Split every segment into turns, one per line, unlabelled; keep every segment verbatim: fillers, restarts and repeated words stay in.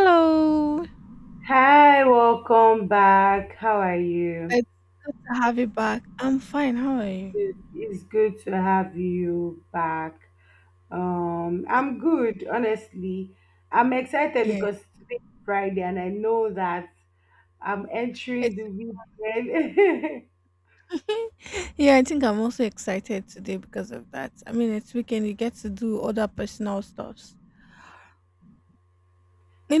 Hello.
Hi, welcome back. How are you?
It's good to have you back. I'm fine. How are you?
It- It's good to have you back. Um, I'm good, honestly. I'm excited
Yeah,
because today is Friday and I know that I'm entering
it's
the weekend.
yeah. I think I'm also excited today because of that. I mean, it's weekend. You get to do other personal stuffs. You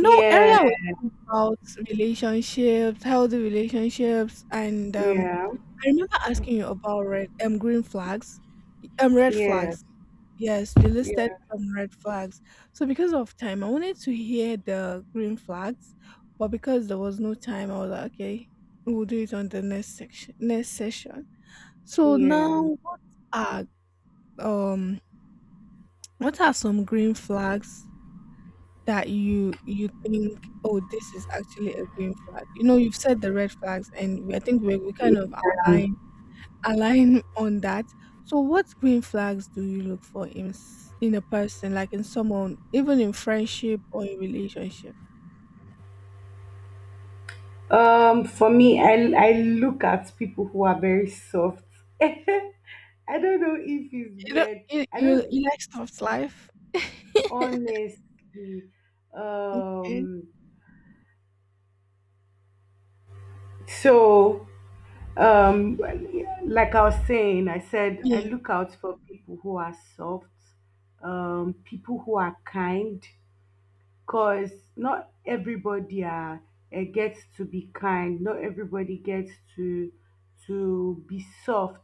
know,
Yeah,
earlier we talked about relationships, healthy relationships, and um,
yeah,
I remember asking you about red um green flags, um red
yeah,
flags. Yes, you listed
yeah,
some red flags. So because of time, I wanted to hear the green flags, but because there was no time, I was like, okay, we'll do it on the next section, next session. So
yeah.
now, what are um what are some green flags that you you think, oh, this is actually a green flag? You know, you've said the red flags, and we- I think we we kind of outlined align on that. So, what green flags do you look for in s- in a person, like in someone, even in friendship or in relationship?
Um, for me, I I look at people who are very soft. I don't know if it's
You know,
weird.
you
I don't,
you, you like soft life.
honestly.
Okay.
um so, um like I was saying, I said I
Yeah.
look out for people who are soft, um people who are kind. Cause not everybody are, eh, gets to be kind. Not everybody gets to to be soft.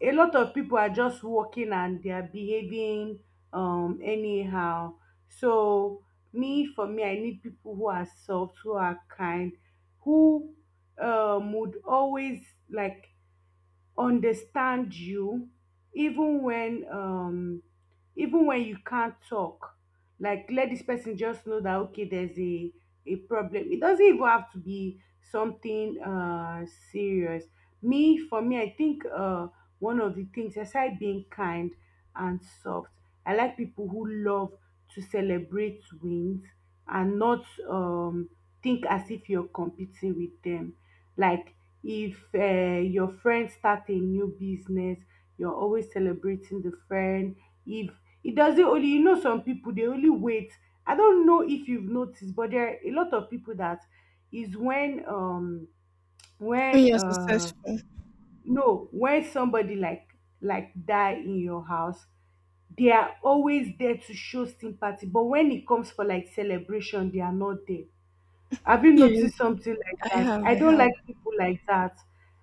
A lot of people are just walking and they are behaving um anyhow. So, me for me, I need people who are soft, who are kind, who um would always, like, understand you, even when, um even when you can't talk. Like, let this person just know that okay, there's a a problem. It doesn't even have to be something uh serious. Me for me, I think, uh one of the things, aside being kind and soft, I like people who love to celebrate wins and not um think as if you're competing with them. Like, if um your friend start a new business, you're always celebrating the friend. If it doesn't, only, you know, some people they only wait. I don't know if you've noticed, but there are a lot of people that, is when um
When
when
you're
uh
successful.
no, when somebody like like die in your house, they are always there to show sympathy, but when it comes for like celebration they are not there. Have you
Yes,
noticed something like
I
that?
have.
I
I
don't
have.
like people like that.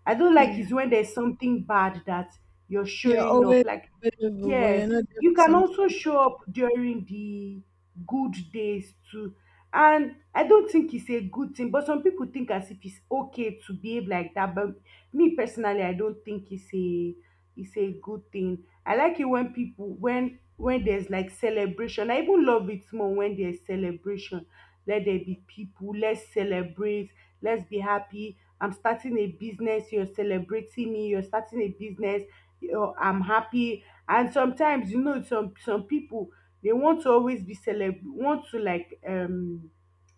I don't like
Yeah.
is when there's something bad that you're
You're
showing up.
always
Like,
available, but you're
yes,
not there
you
for
can also
something.
show up during the good days too. And I don't think it's a good thing, but some people think as if it's okay to behave like that. But me personally, I don't think it's a it's a good thing. I like it when people, when when there's like celebration. I even love it more when there's celebration. Let there be people, let's celebrate, let's be happy. I'm starting a business, you're celebrating me, you're starting a business, you're, I'm happy. And sometimes, you know, some some people they want to always be celeb, want to, like, um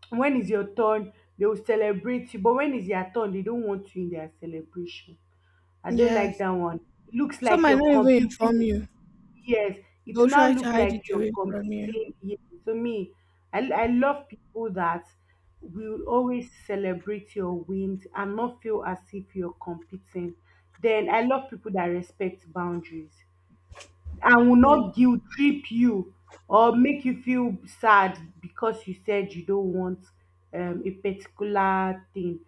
when is your turn, they will celebrate you, but when is their turn, they don't want you in their celebration. I don't like
Yes.
that one. Looks
Some
like
might
you're
not even inform
competing.
you.
Yes, it will
They'll
now
try
look
to hide it
like you're
away from you.
competing. Yes. To me, I, I love people that will always celebrate your wins and not feel as if you're competing. Then I love people that respect boundaries. I will
Yeah.
not guilt trip you or make you feel sad because you said you don't want, um, a particular thing.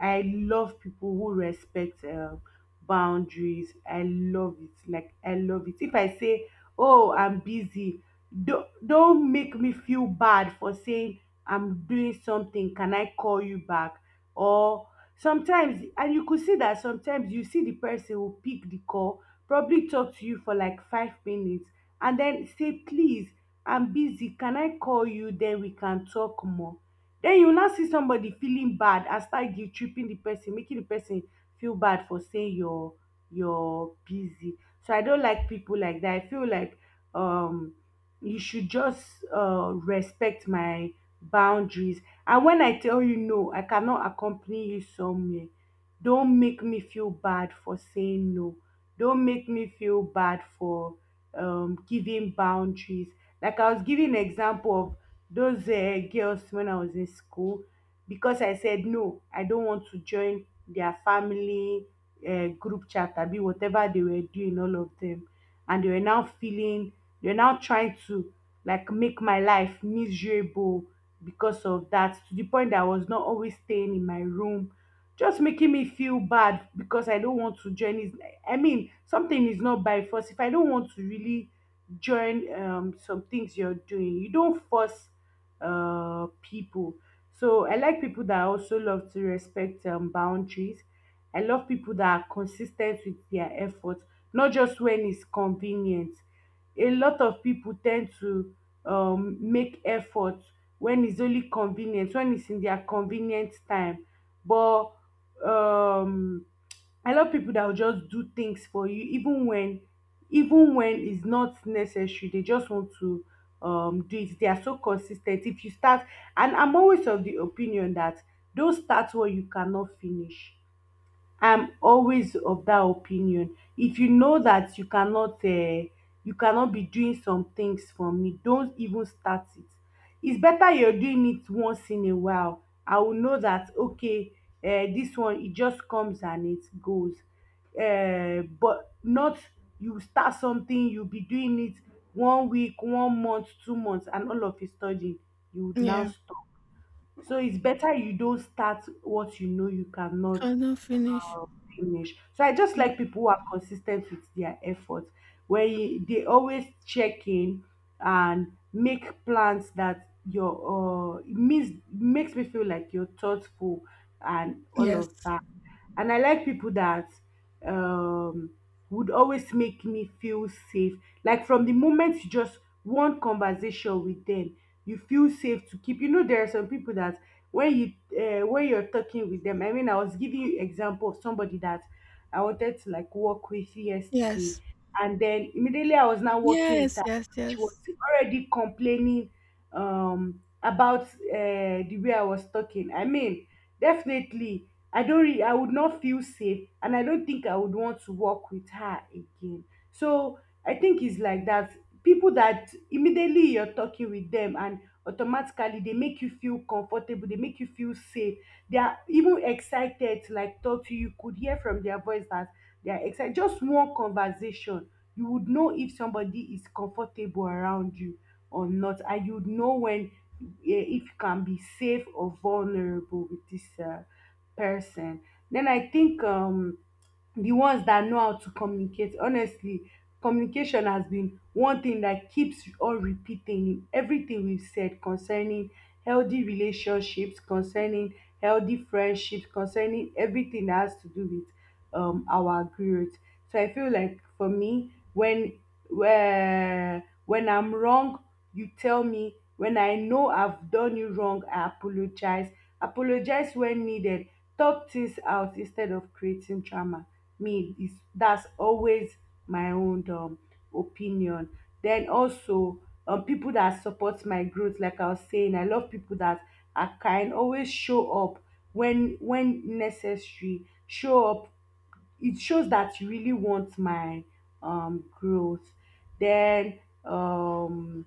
I love people who respect um boundaries. I love it. Like, I love it. If I say, "Oh, I'm busy," don't don't make me feel bad for saying I'm doing something. Can I call you back? Or sometimes, and you could see that sometimes you see the person will pick the call, probably talk to you for like five minutes, and then say, please, I'm busy, can I call you, then we can talk more. Then you now see somebody feeling bad and start guilt tripping the person, making the person feel bad for saying you're you're busy. So I don't like people like that. I feel like, um you should just uh respect my boundaries, and when I tell you no, I cannot accompany you somewhere, don't make me feel bad for saying no. Don't make me feel bad for, um, giving boundaries. Like, I was giving example of those uh, girls when I was in school, because I said no, I don't want to join their family uh, group chat, be whatever they were doing, all of them, and they were now feeling, they were now trying to, like, make my life miserable because of that. To the point that I was not always staying in my room, just making me feel bad because I don't want to join. It's, I mean, something is not by force. If I don't want to really join um, some things you're doing, you don't force uh, people. So I like people that also love to respect um, boundaries. I love people that are consistent with their efforts, not just when it's convenient. A lot of people tend to, um, make efforts when it's only convenient, when it's in their convenient time. But, um I love people that will just do things for you even when, even when it's not necessary. They just want to um do it. They are so consistent. If you start, and I'm always of the opinion that, don't start what you cannot finish. I'm always of that opinion. If you know that you cannot, uh, you cannot be doing some things for me, don't even start it. It's better you're doing it once in a while. I will know that okay, uh, this one it just comes and it goes. Uh, but not, you start something, you'll be doing it one week, one month, two months, and all of a sudden you would now
Yeah.
stop. So it's better you don't start what you know you cannot,
Cannot finish.
um, finish. So I just
Yeah.
like people who are consistent with their efforts, where you, they always check in and make plans that your, uh, it means, makes me feel like you're thoughtful and all
Yes.
of that. And I like people that, um, would always make me feel safe. Like, from the moment you just, one conversation with them, you feel safe to keep. You know, there are some people that when you, uh, when you're talking with them, I mean, I was giving you example of somebody that I wanted to, like, work with yesterday,
Yes.
and then immediately I was now working with
Yes,
her,
yes,
she was
yes.
already complaining um about, uh, the way I was talking. I mean, definitely I don't re- I would not feel safe and I don't think I would want to work with her again. So I think it's like that, people that immediately you're talking with them, and automatically they make you feel comfortable, they make you feel safe, they are even excited to, like, talk to you. You could hear from their voice that they are excited. Just one conversation, you would know if somebody is comfortable around you or not, and you would know when, eh, if you can be safe or vulnerable with this uh, person. Then I think um the ones that know how to communicate honestly. Communication has been one thing that keeps all repeating in everything we've said concerning healthy relationships, concerning healthy friendships, concerning everything that has to do with, um, our growth. So I feel like for me, when where when I'm wrong, you tell me. When I know I've done you wrong, I apologize. Apologize when needed. Talk things out instead of creating drama. Me is, that's always my own, um, opinion. Then also, um, people that support my growth. Like I was saying, I love people that are kind, always show up when when necessary. Show up. It shows that you really want my um growth. Then um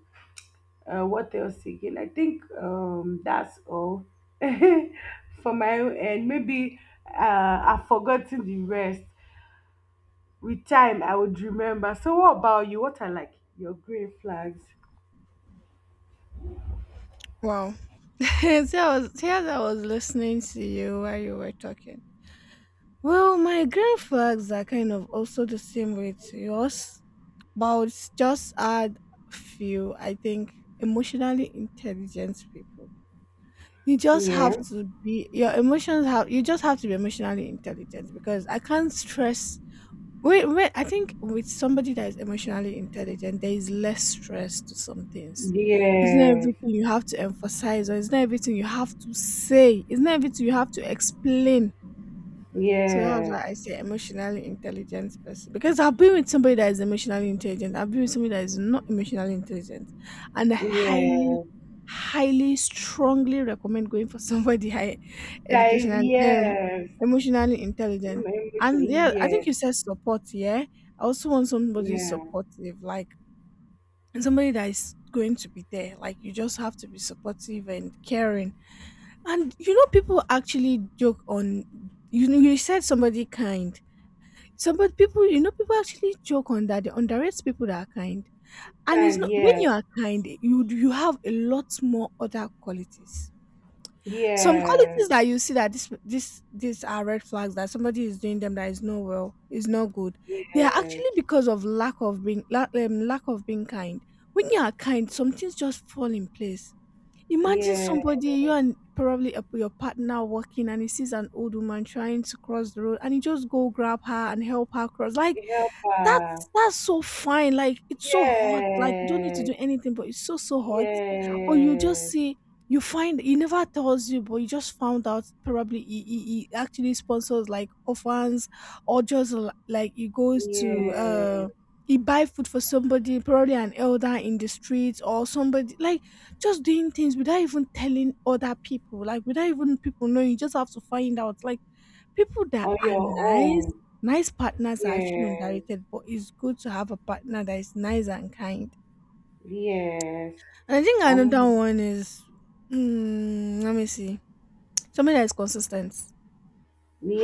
uh, what else again? I think, um that's all for my own end. Maybe uh, I've forgotten the rest. With time I would remember. So what about you? What are, like, your green flags?
Wow. See, I was see, as I was listening to you while you were talking. Well, my green flags are kind of also the same with yours, but I would just add a few. I think emotionally intelligent people. You just have
Yeah.
to be your emotions have you just have to be emotionally intelligent. Because I can't stress Wait, wait. I think with somebody that is emotionally intelligent, there is less stress to some things. It's not
Yes.
everything you have to emphasize, or it's not everything you have to say. It's not everything you have to explain. So that was
Yes.
why I say emotionally intelligent person because I've been with somebody that is emotionally intelligent. I've been with somebody that is not emotionally intelligent, and I highly,
Yes.
highly, strongly recommend going for somebody high
That is,
educational, um,
yes.
emotionally intelligent. And
Emotionally,
yeah, I think you
yes.
said support. Yeah, I also want somebody
Yeah.
supportive, like, and somebody that is going to be there. Like, you just have to be supportive and caring. And you know, people actually joke on. You know, you said somebody kind, so, but people, you know, people actually joke on that. They underrate people that are kind. And it's
Kind,
not when
yes.
you are kind, you you have a lot more other qualities. Some
Yes.
qualities that you see that this this these are red flags that somebody is doing them that is not well, is not good. They are
Yes.
actually because of lack of being lack, um, lack of being kind. When you are kind, some things just fall in place. Imagine
Yes.
somebody, you and probably a, your partner walking, and he sees an old woman trying to cross the road, and he just go grab her and help her cross. Like,
Helper.
that's that's so fine, like, it's so hot, like, you don't need to
Yes.
do anything, but it's so, so hot. Or you just
Yes.
see you find he never tells you, but you just found out probably he he he actually sponsors, like, orphans or just l like, he goes to,
Yes.
uh he buy food for somebody, probably an elder in the streets or somebody, like, just doing things without even telling other people, like, without even people knowing, you just have to find out, like, people that
On
are
your own.
nice. Nice partners are actually
Yes.
underrated, but it's good to have a partner that is nice and kind.
Yes.
And I think another
I'm.
one is, mm, let me see, somebody that is consistent.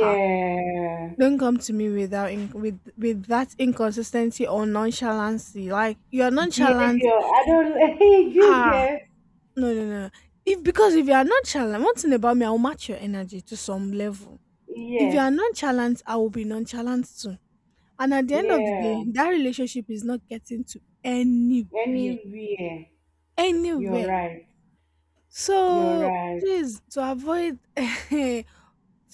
Ha! Don't come to me without in, with with that inconsistency or nonchalancy. Like, you're nonchalant.
Behavior. I don't, hey, you
Ah,
get,
no, no, no. If because if you are nonchalant, one thing about me, I will match your energy to some level. If you are
yes.
nonchalant, I will be nonchalant too. And at the end of the
Yeah.
day, that relationship is not getting to anywhere.
Anywhere. You're
Anywhere.
right. You're
So
right.
please, to avoid to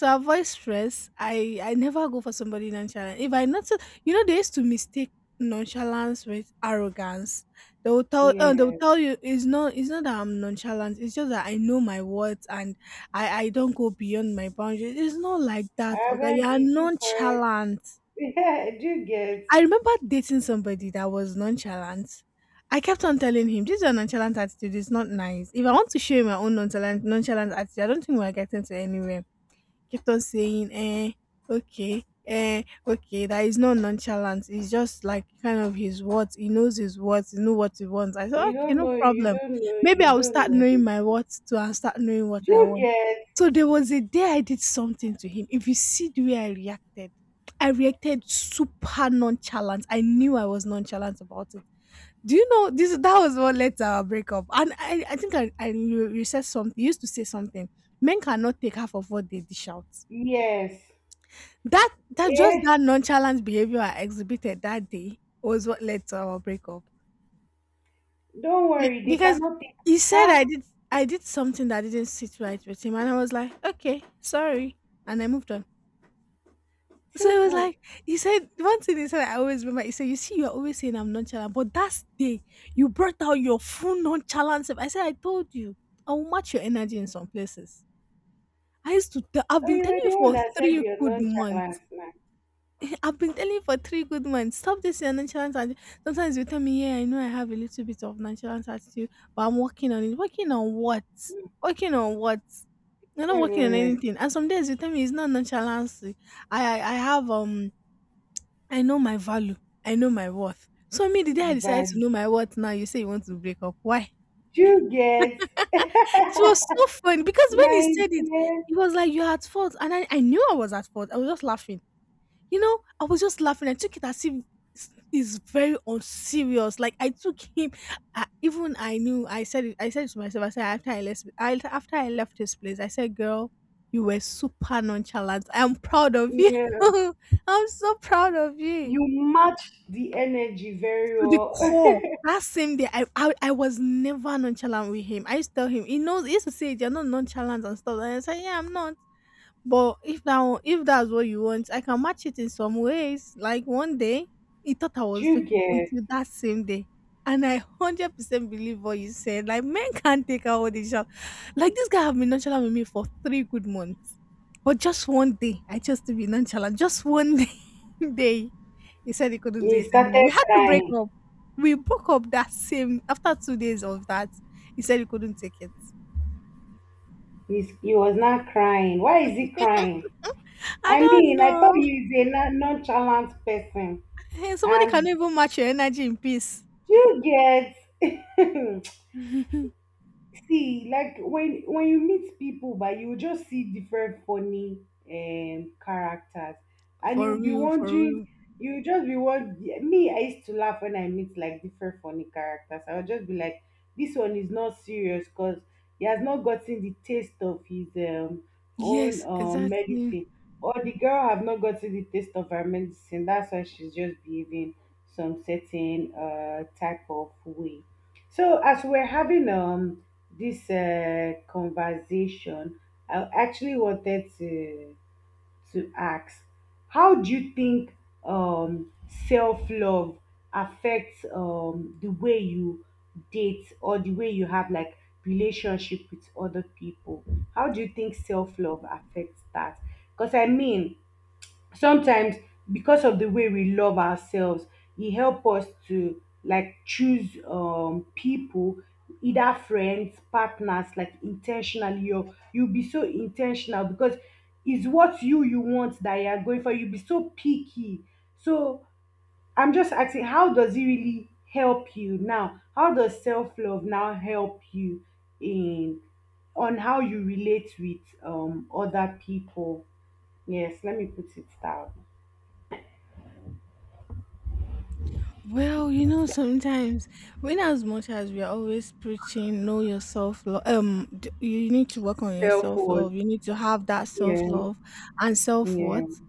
avoid stress, I I never go for somebody nonchalant. If I notice, you know, they used to mistake nonchalance with arrogance. They will tell uh, they will
Yeah.
tell you it's not it's not that I'm nonchalant. It's just that I know my words, and I I don't go beyond my boundaries. It's not like that.
I
Okay,
beg
you are
you, keep quiet.
nonchalant.
Yeah, you get.
I remember dating somebody that was nonchalant. I kept on telling him, this is your nonchalant attitude. It's not nice. If I want to show him my own nonchalant, nonchalant attitude, I don't think we're getting to anywhere. Kept on saying, eh, okay, eh, okay, that is not nonchalance. It's just like kind of his words. He knows his words. He know what he wants. I said,
You
okay,
don't
no
know, you
problem.
don't know,
Maybe
you
I will
don't
start
know.
knowing my words too, and start knowing what I
You
want.
get.
So there was a day I did something to him. If you see the way I reacted, I reacted super nonchalant. I knew I was nonchalant about it. Do you know this? That was what led to our breakup. And I, I think I, I you, you said something. You used to say something. Men cannot take half of what they dish out.
Yes.
That that just
Eh?
that nonchalant behavior I exhibited that day was what led to our breakup.
Don't
Be-
worry, they
because
cannot take
he said
half,
I did I did something that didn't sit right with him, and I was like, okay, sorry, and I moved on. So it was
simple.
like, he said one thing he said I always remember. He said, "You see, you're always saying I'm nonchalant, but that day you brought out your full nonchalant self." I said, "I told you, I will match your energy in some places." I used to. Tell, I've
But
been
you
telling
were the
you
one
for
that said
three
you're
good months.
nonchalant now.
I've been telling you for three good months. Stop this your nonchalant attitude. Sometimes you tell me, yeah, I know I have a little bit of nonchalant attitude, but I'm working on it. Working on what? Working on what? You're not working
Never
on
ready.
anything. And some days you tell me it's not nonchalancy. I, I I have um I know my value. I know my worth. So me, the day I
Which
decided to
value?
know my worth now, you say you want to break up. Why?
You get.
It was so funny because when he
My
said it,
dear,
it was like you're at fault. And I, I knew I was at fault. I was just laughing. You know, I was just laughing. I took it as if it's it's very unserious. Like, I took him, I, even I knew. I said it. I said it to myself. I said after I left, I, after I left his place, I said, "Girl, you were super nonchalant. I'm proud of you.
yeah,
I'm so proud of you
you matched the energy very
to the
well.
core." That same day, I, I I was never nonchalant with him. I used to tell him, he knows. He used to say, "You're not nonchalant and stuff." And I said, "Yeah, I'm not." But if that one- if that's what you want, I can match it in some ways. Like, one day, he thought I
Do
was
you
joking
get?
until that same day. And I hundred percent believe what you said. Like, men can't take out what they shop. Like, this guy have been nonchalant with me for three good months. But just one day, I chose to be nonchalant. Just one day, day he said he couldn't do
He
it anymore.
started
We had to break
crying.
up. We broke up that same after two days of that. He said he couldn't take it.
He's, he was not crying. Why is he crying?
I
I
don't
mean, I thought
know.
he is a non- nonchalant person.
Hey, somebody can
And
even match your energy in peace.
do you get? See, like when when you meet people, but you just see different funny um characters and you'll
For
be
real, for
wondering.
real.
You just be, what, me? I used to laugh when I meet like different funny characters, I'll just be like, this one is not serious because he has not gotten the taste of his um own
Yes,
um
exactly.
medicine, or the girl have not gotten the taste of her medicine, that's why she's just behaving some certain uh type of way. So as we're having um this uh, conversation, I actually wanted to to ask, how do you think um self love affects um the way you date or the way you have like relationship with other people? How do you think self love affects that? Because I mean, sometimes because of the way we love ourselves, it help us to like choose um people, either friends, partners, like intentionally, or you be so intentional because it's what you you want that you are going for, you be so picky. So I'm just asking, how does it really help you now, how does self-love now help you, in, on how you relate with um other people? Yes, let me put it down.
Well, you know, sometimes when as much as we are always preaching, know your self love. Um, d- you need to work on your
Self
self
worth.
love. You need to have that self
Yeah,
love and self
yeah,
worth.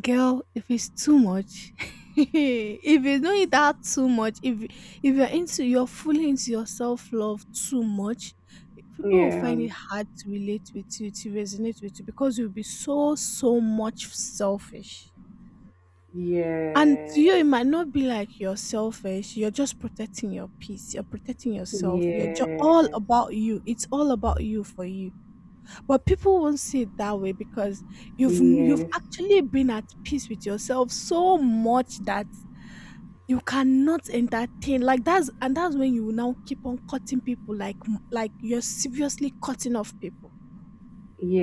Girl, if it's too much, if you don't eat that too much, if if you're into you're fully into your self love too much, people will
yeah,
find it hard to relate with you, to resonate with you because you'll be so so much selfish. And to
yes,
you, it might not be like you're selfish. You're just protecting your peace. You're protecting yourself. You're just all
yes,
about you. It's all about you for you. But people won't see it that way because you've you've
yes,
actually been at peace with yourself so much that you cannot entertain like that's and that's when you will now keep on cutting people, like like you're seriously cutting off people
yes, yeah,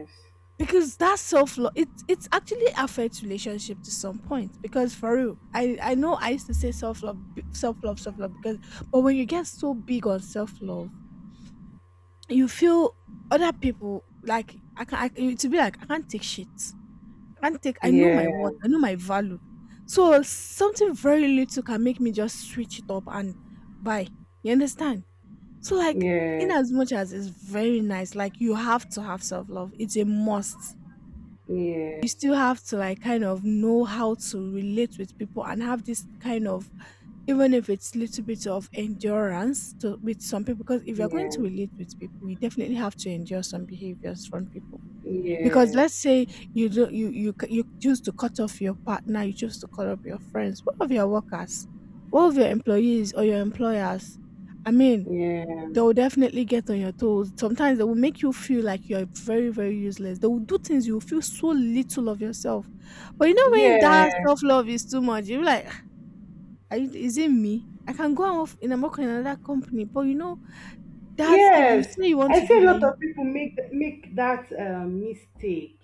yes,
because that self love, it it actually affects relationship to some point. Because for real, I I know I used to say self love, self love, self love because but when you get so big on self love, you feel other people like I can I, to be like I can't take shit, can't take I
yes,
know my worth,
yeah,
I know my value. So something very little can make me just switch it up and buy. You understand? So like in
yes,
as much as it's very nice, like you have to have self love. It's a must. You still have to like kind of know how to relate with people and have this kind of, even if it's little bit of, endurance to with some people, because if you're going to relate with people, you definitely have to endure some behaviors from people. Because let's say you do you you c- you choose to cut off your partner, you choose to cut off your friends, what of your workers? What of your employees or your employers? I mean, they will definitely get on your toes. Sometimes they will make you feel like you're very, very useless. They will do things, you will feel so little of yourself. But you know, when that
yeah, yes,
self love is too much, you're like, are you, is it me? I can go and work in a work in another company. But you know that if you
yes.
say you want
I
to do
see a
that,
lot
you,
of people make make that uh, mistake.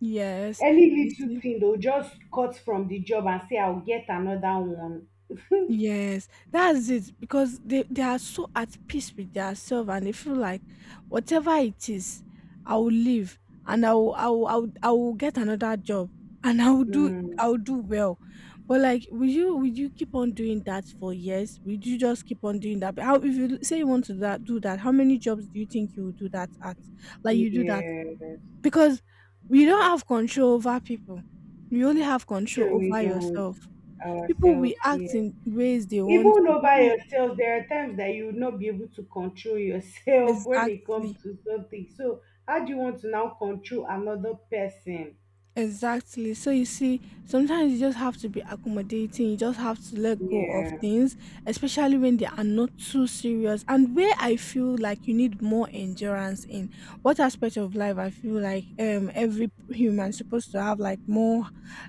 yes,
Any
you
little
see.
thing they'll just cut from the job and say, "I'll get another one."
Yes, that's it, because they, they are so at peace with themselves and they feel like whatever it is, I will leave and I will, I will, I will, I will get another job and I will do
Mm,
I will do well. But like, will you will you keep on doing that for years? Will you just keep on doing that? But how, if you say you want to do that, do that, how many jobs do you think you will do that at? Like, you do that
yes.
because we don't have control over people. We only have control
Sure, we
over
don't
yourself. People will
ourselves
act
yet.
in ways they want
Even
to,
though by
people
yourself, there are times that you will not be able to control yourself when it comes
exactly.
to something. So, how do you want to now control another person?
Exactly, so you see, sometimes you just have to be accommodating, you just have to let go of
Yeah,
things, especially when they are not too serious. And where I feel like you need more endurance in what aspect of life, I feel like um every human supposed to have like more,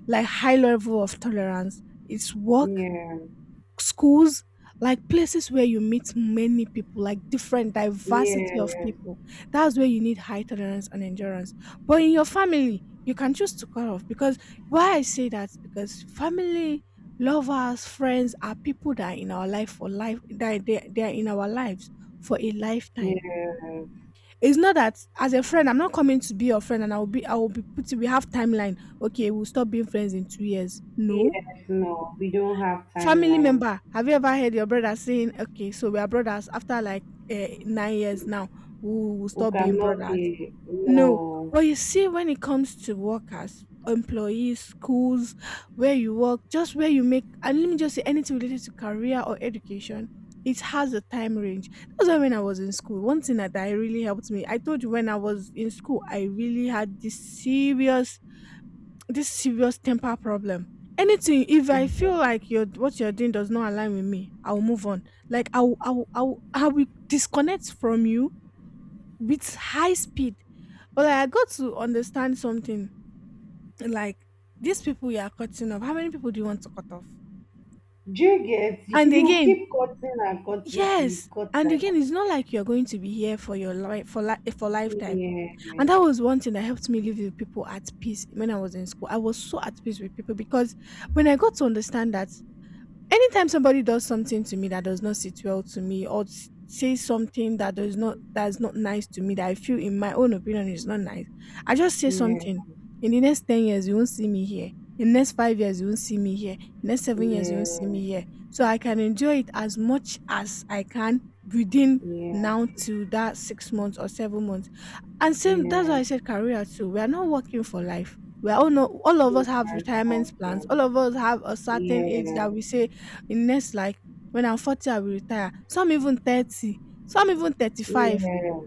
like high level of tolerance, it's work,
yeah,
schools, like places where you meet many people, like different diversity of
yeah,
people. That's where you need high tolerance and endurance. But in your family, you can choose to cut off, because why I say that, because family, lovers, friends are people that are in our life for life, that they, they are in our lives for a lifetime.
yeah,
It's not that as a friend, I'm not coming to be your friend and I will be I will be putting, we have timeline. Okay, we'll stop being friends in two years. No.
yes, no, we don't have
Family
timeline.
member, have you ever heard your brother saying, okay, so we are brothers after like uh, nine years now, we will
We
stop being
cannot
brothers?
be,
No.
no.
But you see, when it comes to workers, employees, schools, where you work, just where you make, and let me just say anything related to career or education, it has a time range. That's why when I was in school, one thing that, that really helped me, I told you when I was in school, I really had this serious, this serious temper problem. Anything, if I
Do
feel like you're what you're doing does not align with me, I'll move on. Like, I'll I'll I'll I will disconnect from you with high speed. But like, I got to understand something. Like, these people you are cutting off, how many people do you want to cut off?
you get?
And
You
again,
keep cutting and cutting till you
yes.
cut
And again,
tired.
it's not like you're going to be here for your life for life for lifetime. And
Yeah,
that was one thing that helped me live with people at peace when I was in school. I was so at peace with people, because when I got to understand that anytime somebody does something to me that does not sit well to me, or s- say something that does not that's not nice to me, that I feel in my own opinion is not nice, I just say
yeah,
something. In the next ten years, you won't see me here. In the next five years, you won't see me here. Next seven years, you won't see
yeah,
me here. So I can enjoy it as much as I can within
yeah.
now to that six months or seven months. And same, that's
Yeah,
why I said career too. We are not working for life. We are all, no all of
I
us have retirement
yeah,
plans. All of us have a certain age that we say, in next like, when I'm forty, I will retire. Some even thirty, some even thirty-five,
yeah,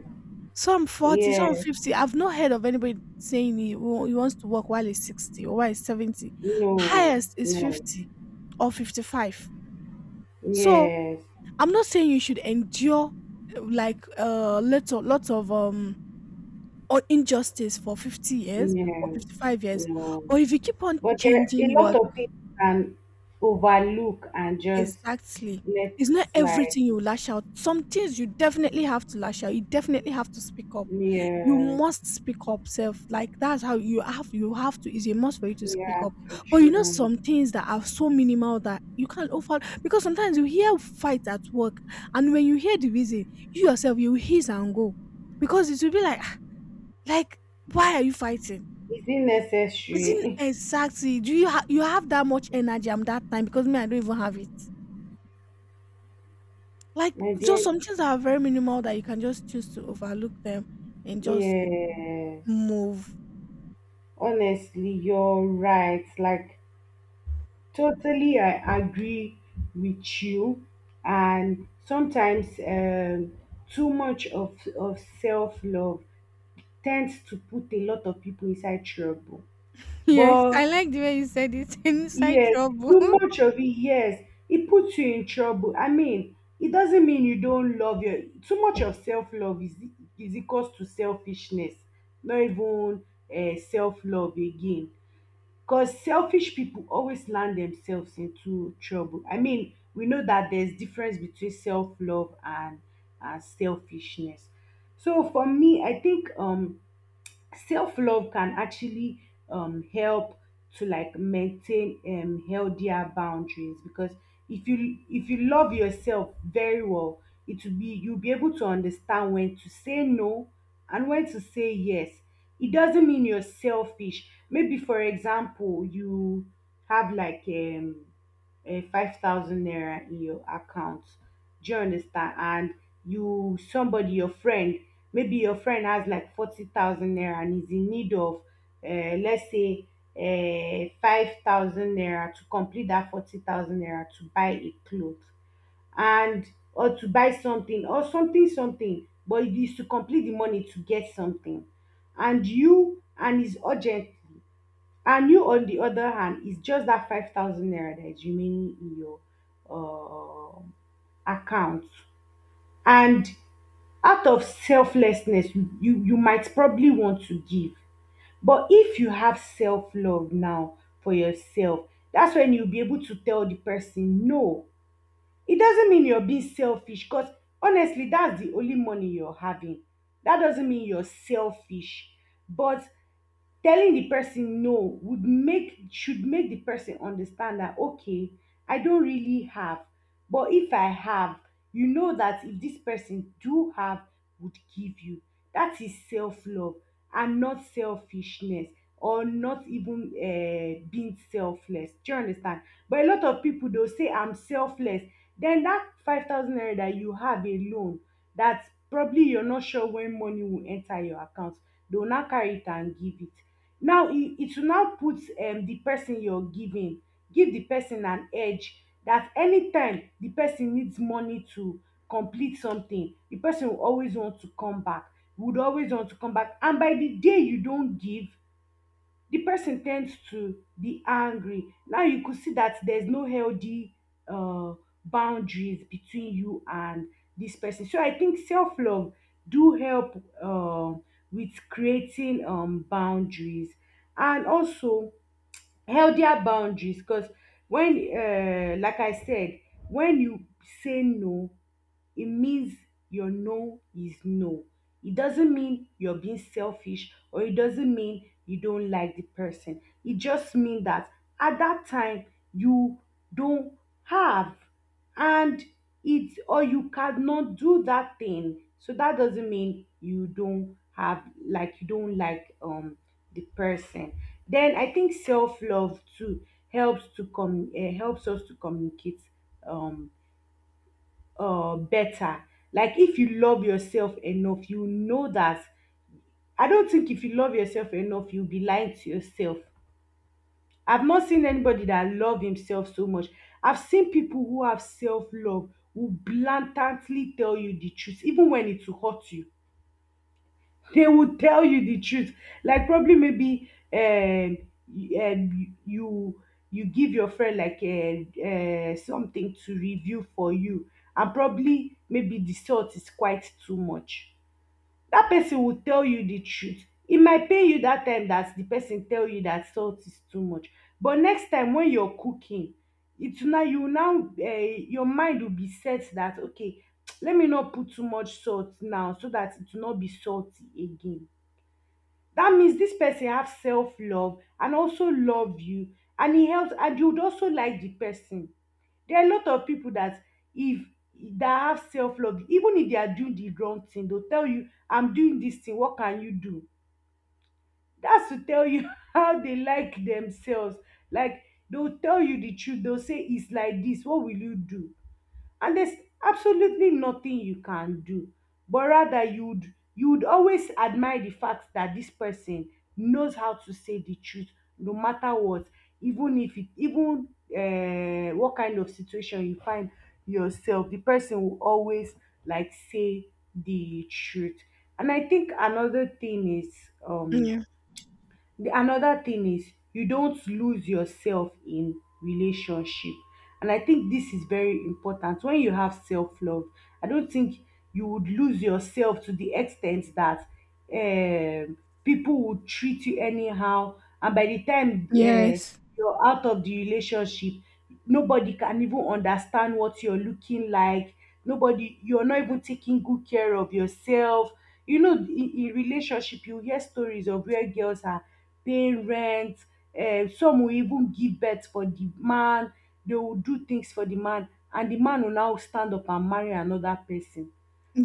some forty,
yeah,
some
yes,
fifty. I've not heard of anybody saying he, wa- he wants to work while he's sixty or while he's seventy.
no,
Highest is
no,
fifty or fifty-five. So
yes,
I'm not saying you should endure uh, like uh little lots of um or injustice for fifty years or
yeah,
fifty-five years.
no.
But if you keep on
But there are a
changing,
lot
what
of things can overlook and just
exactly,
let
it's
it
not
slide.
everything you lash out. Some things you definitely have to lash out. You definitely have to speak up. You
Yes,
must speak up, self. Like that's how you, have you have to. It's a must for you to speak
yeah,
up.
so
But you know,
true.
some things that are so minimal that you can't offer, because sometimes you hear fights at work, and when you hear the reason, you yourself you hiss and go, because it will be like "Ah, like why are you fighting?
Is it
Isn't
necessary?
exactly. Do you ha- you have that much energy and that time? Because me, I don't even have it. Like,
My
just
dear,
some things that are very minimal that you can just choose to overlook them and just
yes.
move."
Honestly, you're right. Like, totally, I agree with you. And sometimes um, too much of, of self love tends to put a lot of people inside trouble.
Yes,
But
I like the way you said it. Inside
yes,
trouble.
too much of it, yes, it puts you in trouble. I mean, it doesn't mean you don't love your. Too much of self love is, is equals to selfishness, not even uh, self love again. Because selfish people always land themselves into trouble. I mean, we know that there's difference between self love and and selfishness. So for me, I think um self love can actually um, help to like maintain um, healthier boundaries because if you if you love yourself very well, it will be, you'll be able to understand when to say no and when to say yes. It doesn't mean you're selfish. Maybe for example you have like um uh, five thousand naira in your account, do you understand? And you, somebody your friend, maybe your friend has like forty thousand naira and is in need of uh, let's say uh, five thousand naira to complete that forty thousand naira to buy a cloth, and, or to buy something, or something something, but it is to complete the money to get something, and you, and it's urgent. And you, on the other hand, it's just that five thousand naira that is remaining in your um account. And out of selflessness, you, you, you might probably want to give. But if you have self love now for yourself, that's when you'll be able to tell the person no. It doesn't mean you're being selfish because honestly, that's the only money you're having. That doesn't mean you're selfish. But telling the person no would make, should make the person understand that okay, I don't really have, but if I have, you know that if this person do have, would give you. That is self-love and not selfishness, or not even uh, being selfless, do you understand? But a lot of people dey say I'm selfless, then that five thousand naira that you have alone, that probably you're not sure when money will enter your account, they will now carry it and give it. Now, e it will now put um the person you're giving, give the person an edge that anytime the person needs money to complete something, the person will always want to come back, would always want to come back, and by the day you don give, the person tends to be angry. Now you could see that there's no healthy uh, boundaries between you and this person. So I think self-love do help uh, with creating um, boundaries and also healthier boundaries because when uh, like I said, when you say no, it means your no is no. It doesn't mean you're being selfish, or it doesn't mean you don't like the person. It just means that at that time you don't have, and it's, or you cannot do that thing. So that doesn't mean you don't have, like you don't like um the person. Then I think self love too helps to com uh, helps us to communicate um uh, better. Like if you love yourself enough, you know that, I don't think if you love yourself enough you'll be lying to yourself. I've not seen anybody that love himself so much. I've seen people who have self-love who blatantly tell you the truth, even when it will hurt you they will tell you the truth. Like probably maybe um, y- um you you give your friend like uh, uh, something to review for you, and probably maybe the salt is quite too much. That person will tell you the truth, it might pain you that time that the person tell you that salt is too much. But next time when you're cooking, it's now, you now, uh, your mind will be set that okay, let me not put too much salt now so that it will not be salty again. That means this person have self love and also love you, and he helps, and you would also like the person. There are a lot of people that, if, that have self love, even if they are doing the wrong thing, they'll tell you, I'm doing this thing, what can you do? That's to tell you how they like themselves. Like they'll tell you the truth, they'll say it's like this, what will you do? And there's absolutely nothing you can do, but rather you'd you'd always admire the fact that this person knows how to say the truth, no matter what. Even if it, even, uh, what kind of situation you find yourself, the person will always, like, say the truth. And I think another thing is um
Yeah.
The another thing is you don't lose yourself in relationship. And I think this is very important. When you have self-love, I don't think you would lose yourself to the extent that um, people would treat you anyhow. And by the time uh,
Yes.
you're out of the relationship, nobody can even understand what you're looking like. Nobody, you're not even taking good care of yourself. You know, in, in relationship, you hear stories of where girls are paying rent. Uh, some will even give birth for the man, they will do things for the man and the man will now stand up and marry another person.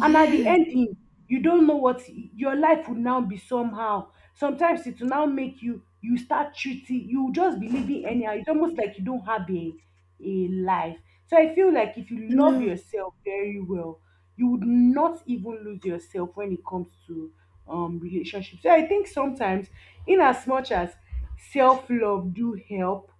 And at the end, ending, you don't know what your life would now be somehow. Sometimes it will now make you you start treating, you will just be living anyhow. It's almost like you don't have a a life. So I feel like if you love
Yeah.
yourself very well, you would not even lose yourself when it comes to um relationships. So I think sometimes, in as much as self-love do help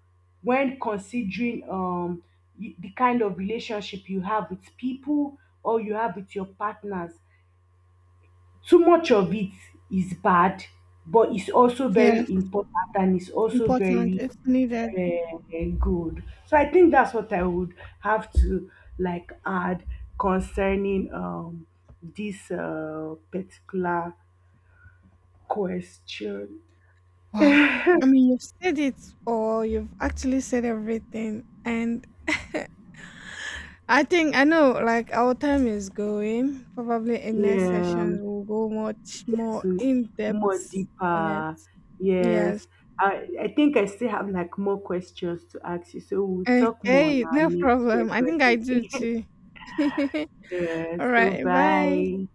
when considering um y- the kind of relationship you have with people, or you have with your partners, too much of it is bad, but it's also
Yes.
very important, and it's also
Important.
very
It's needed.
uh, good. So I think that's what I would have to like add concerning um this uh, particular question.
Wow. I mean, you've said it all. You've actually said everything, and I think I know like our time is going. Probably in next
Yeah,
session we'll go much
it's
more in
more
depth on it.
deeper. Yes.
Yes.
I, I think I still have like more questions to ask you, so we'll talk more on
Okay,
our
no
next
problem. I think I
recording.
do too.
Yeah,
All
so
right, bye.
bye.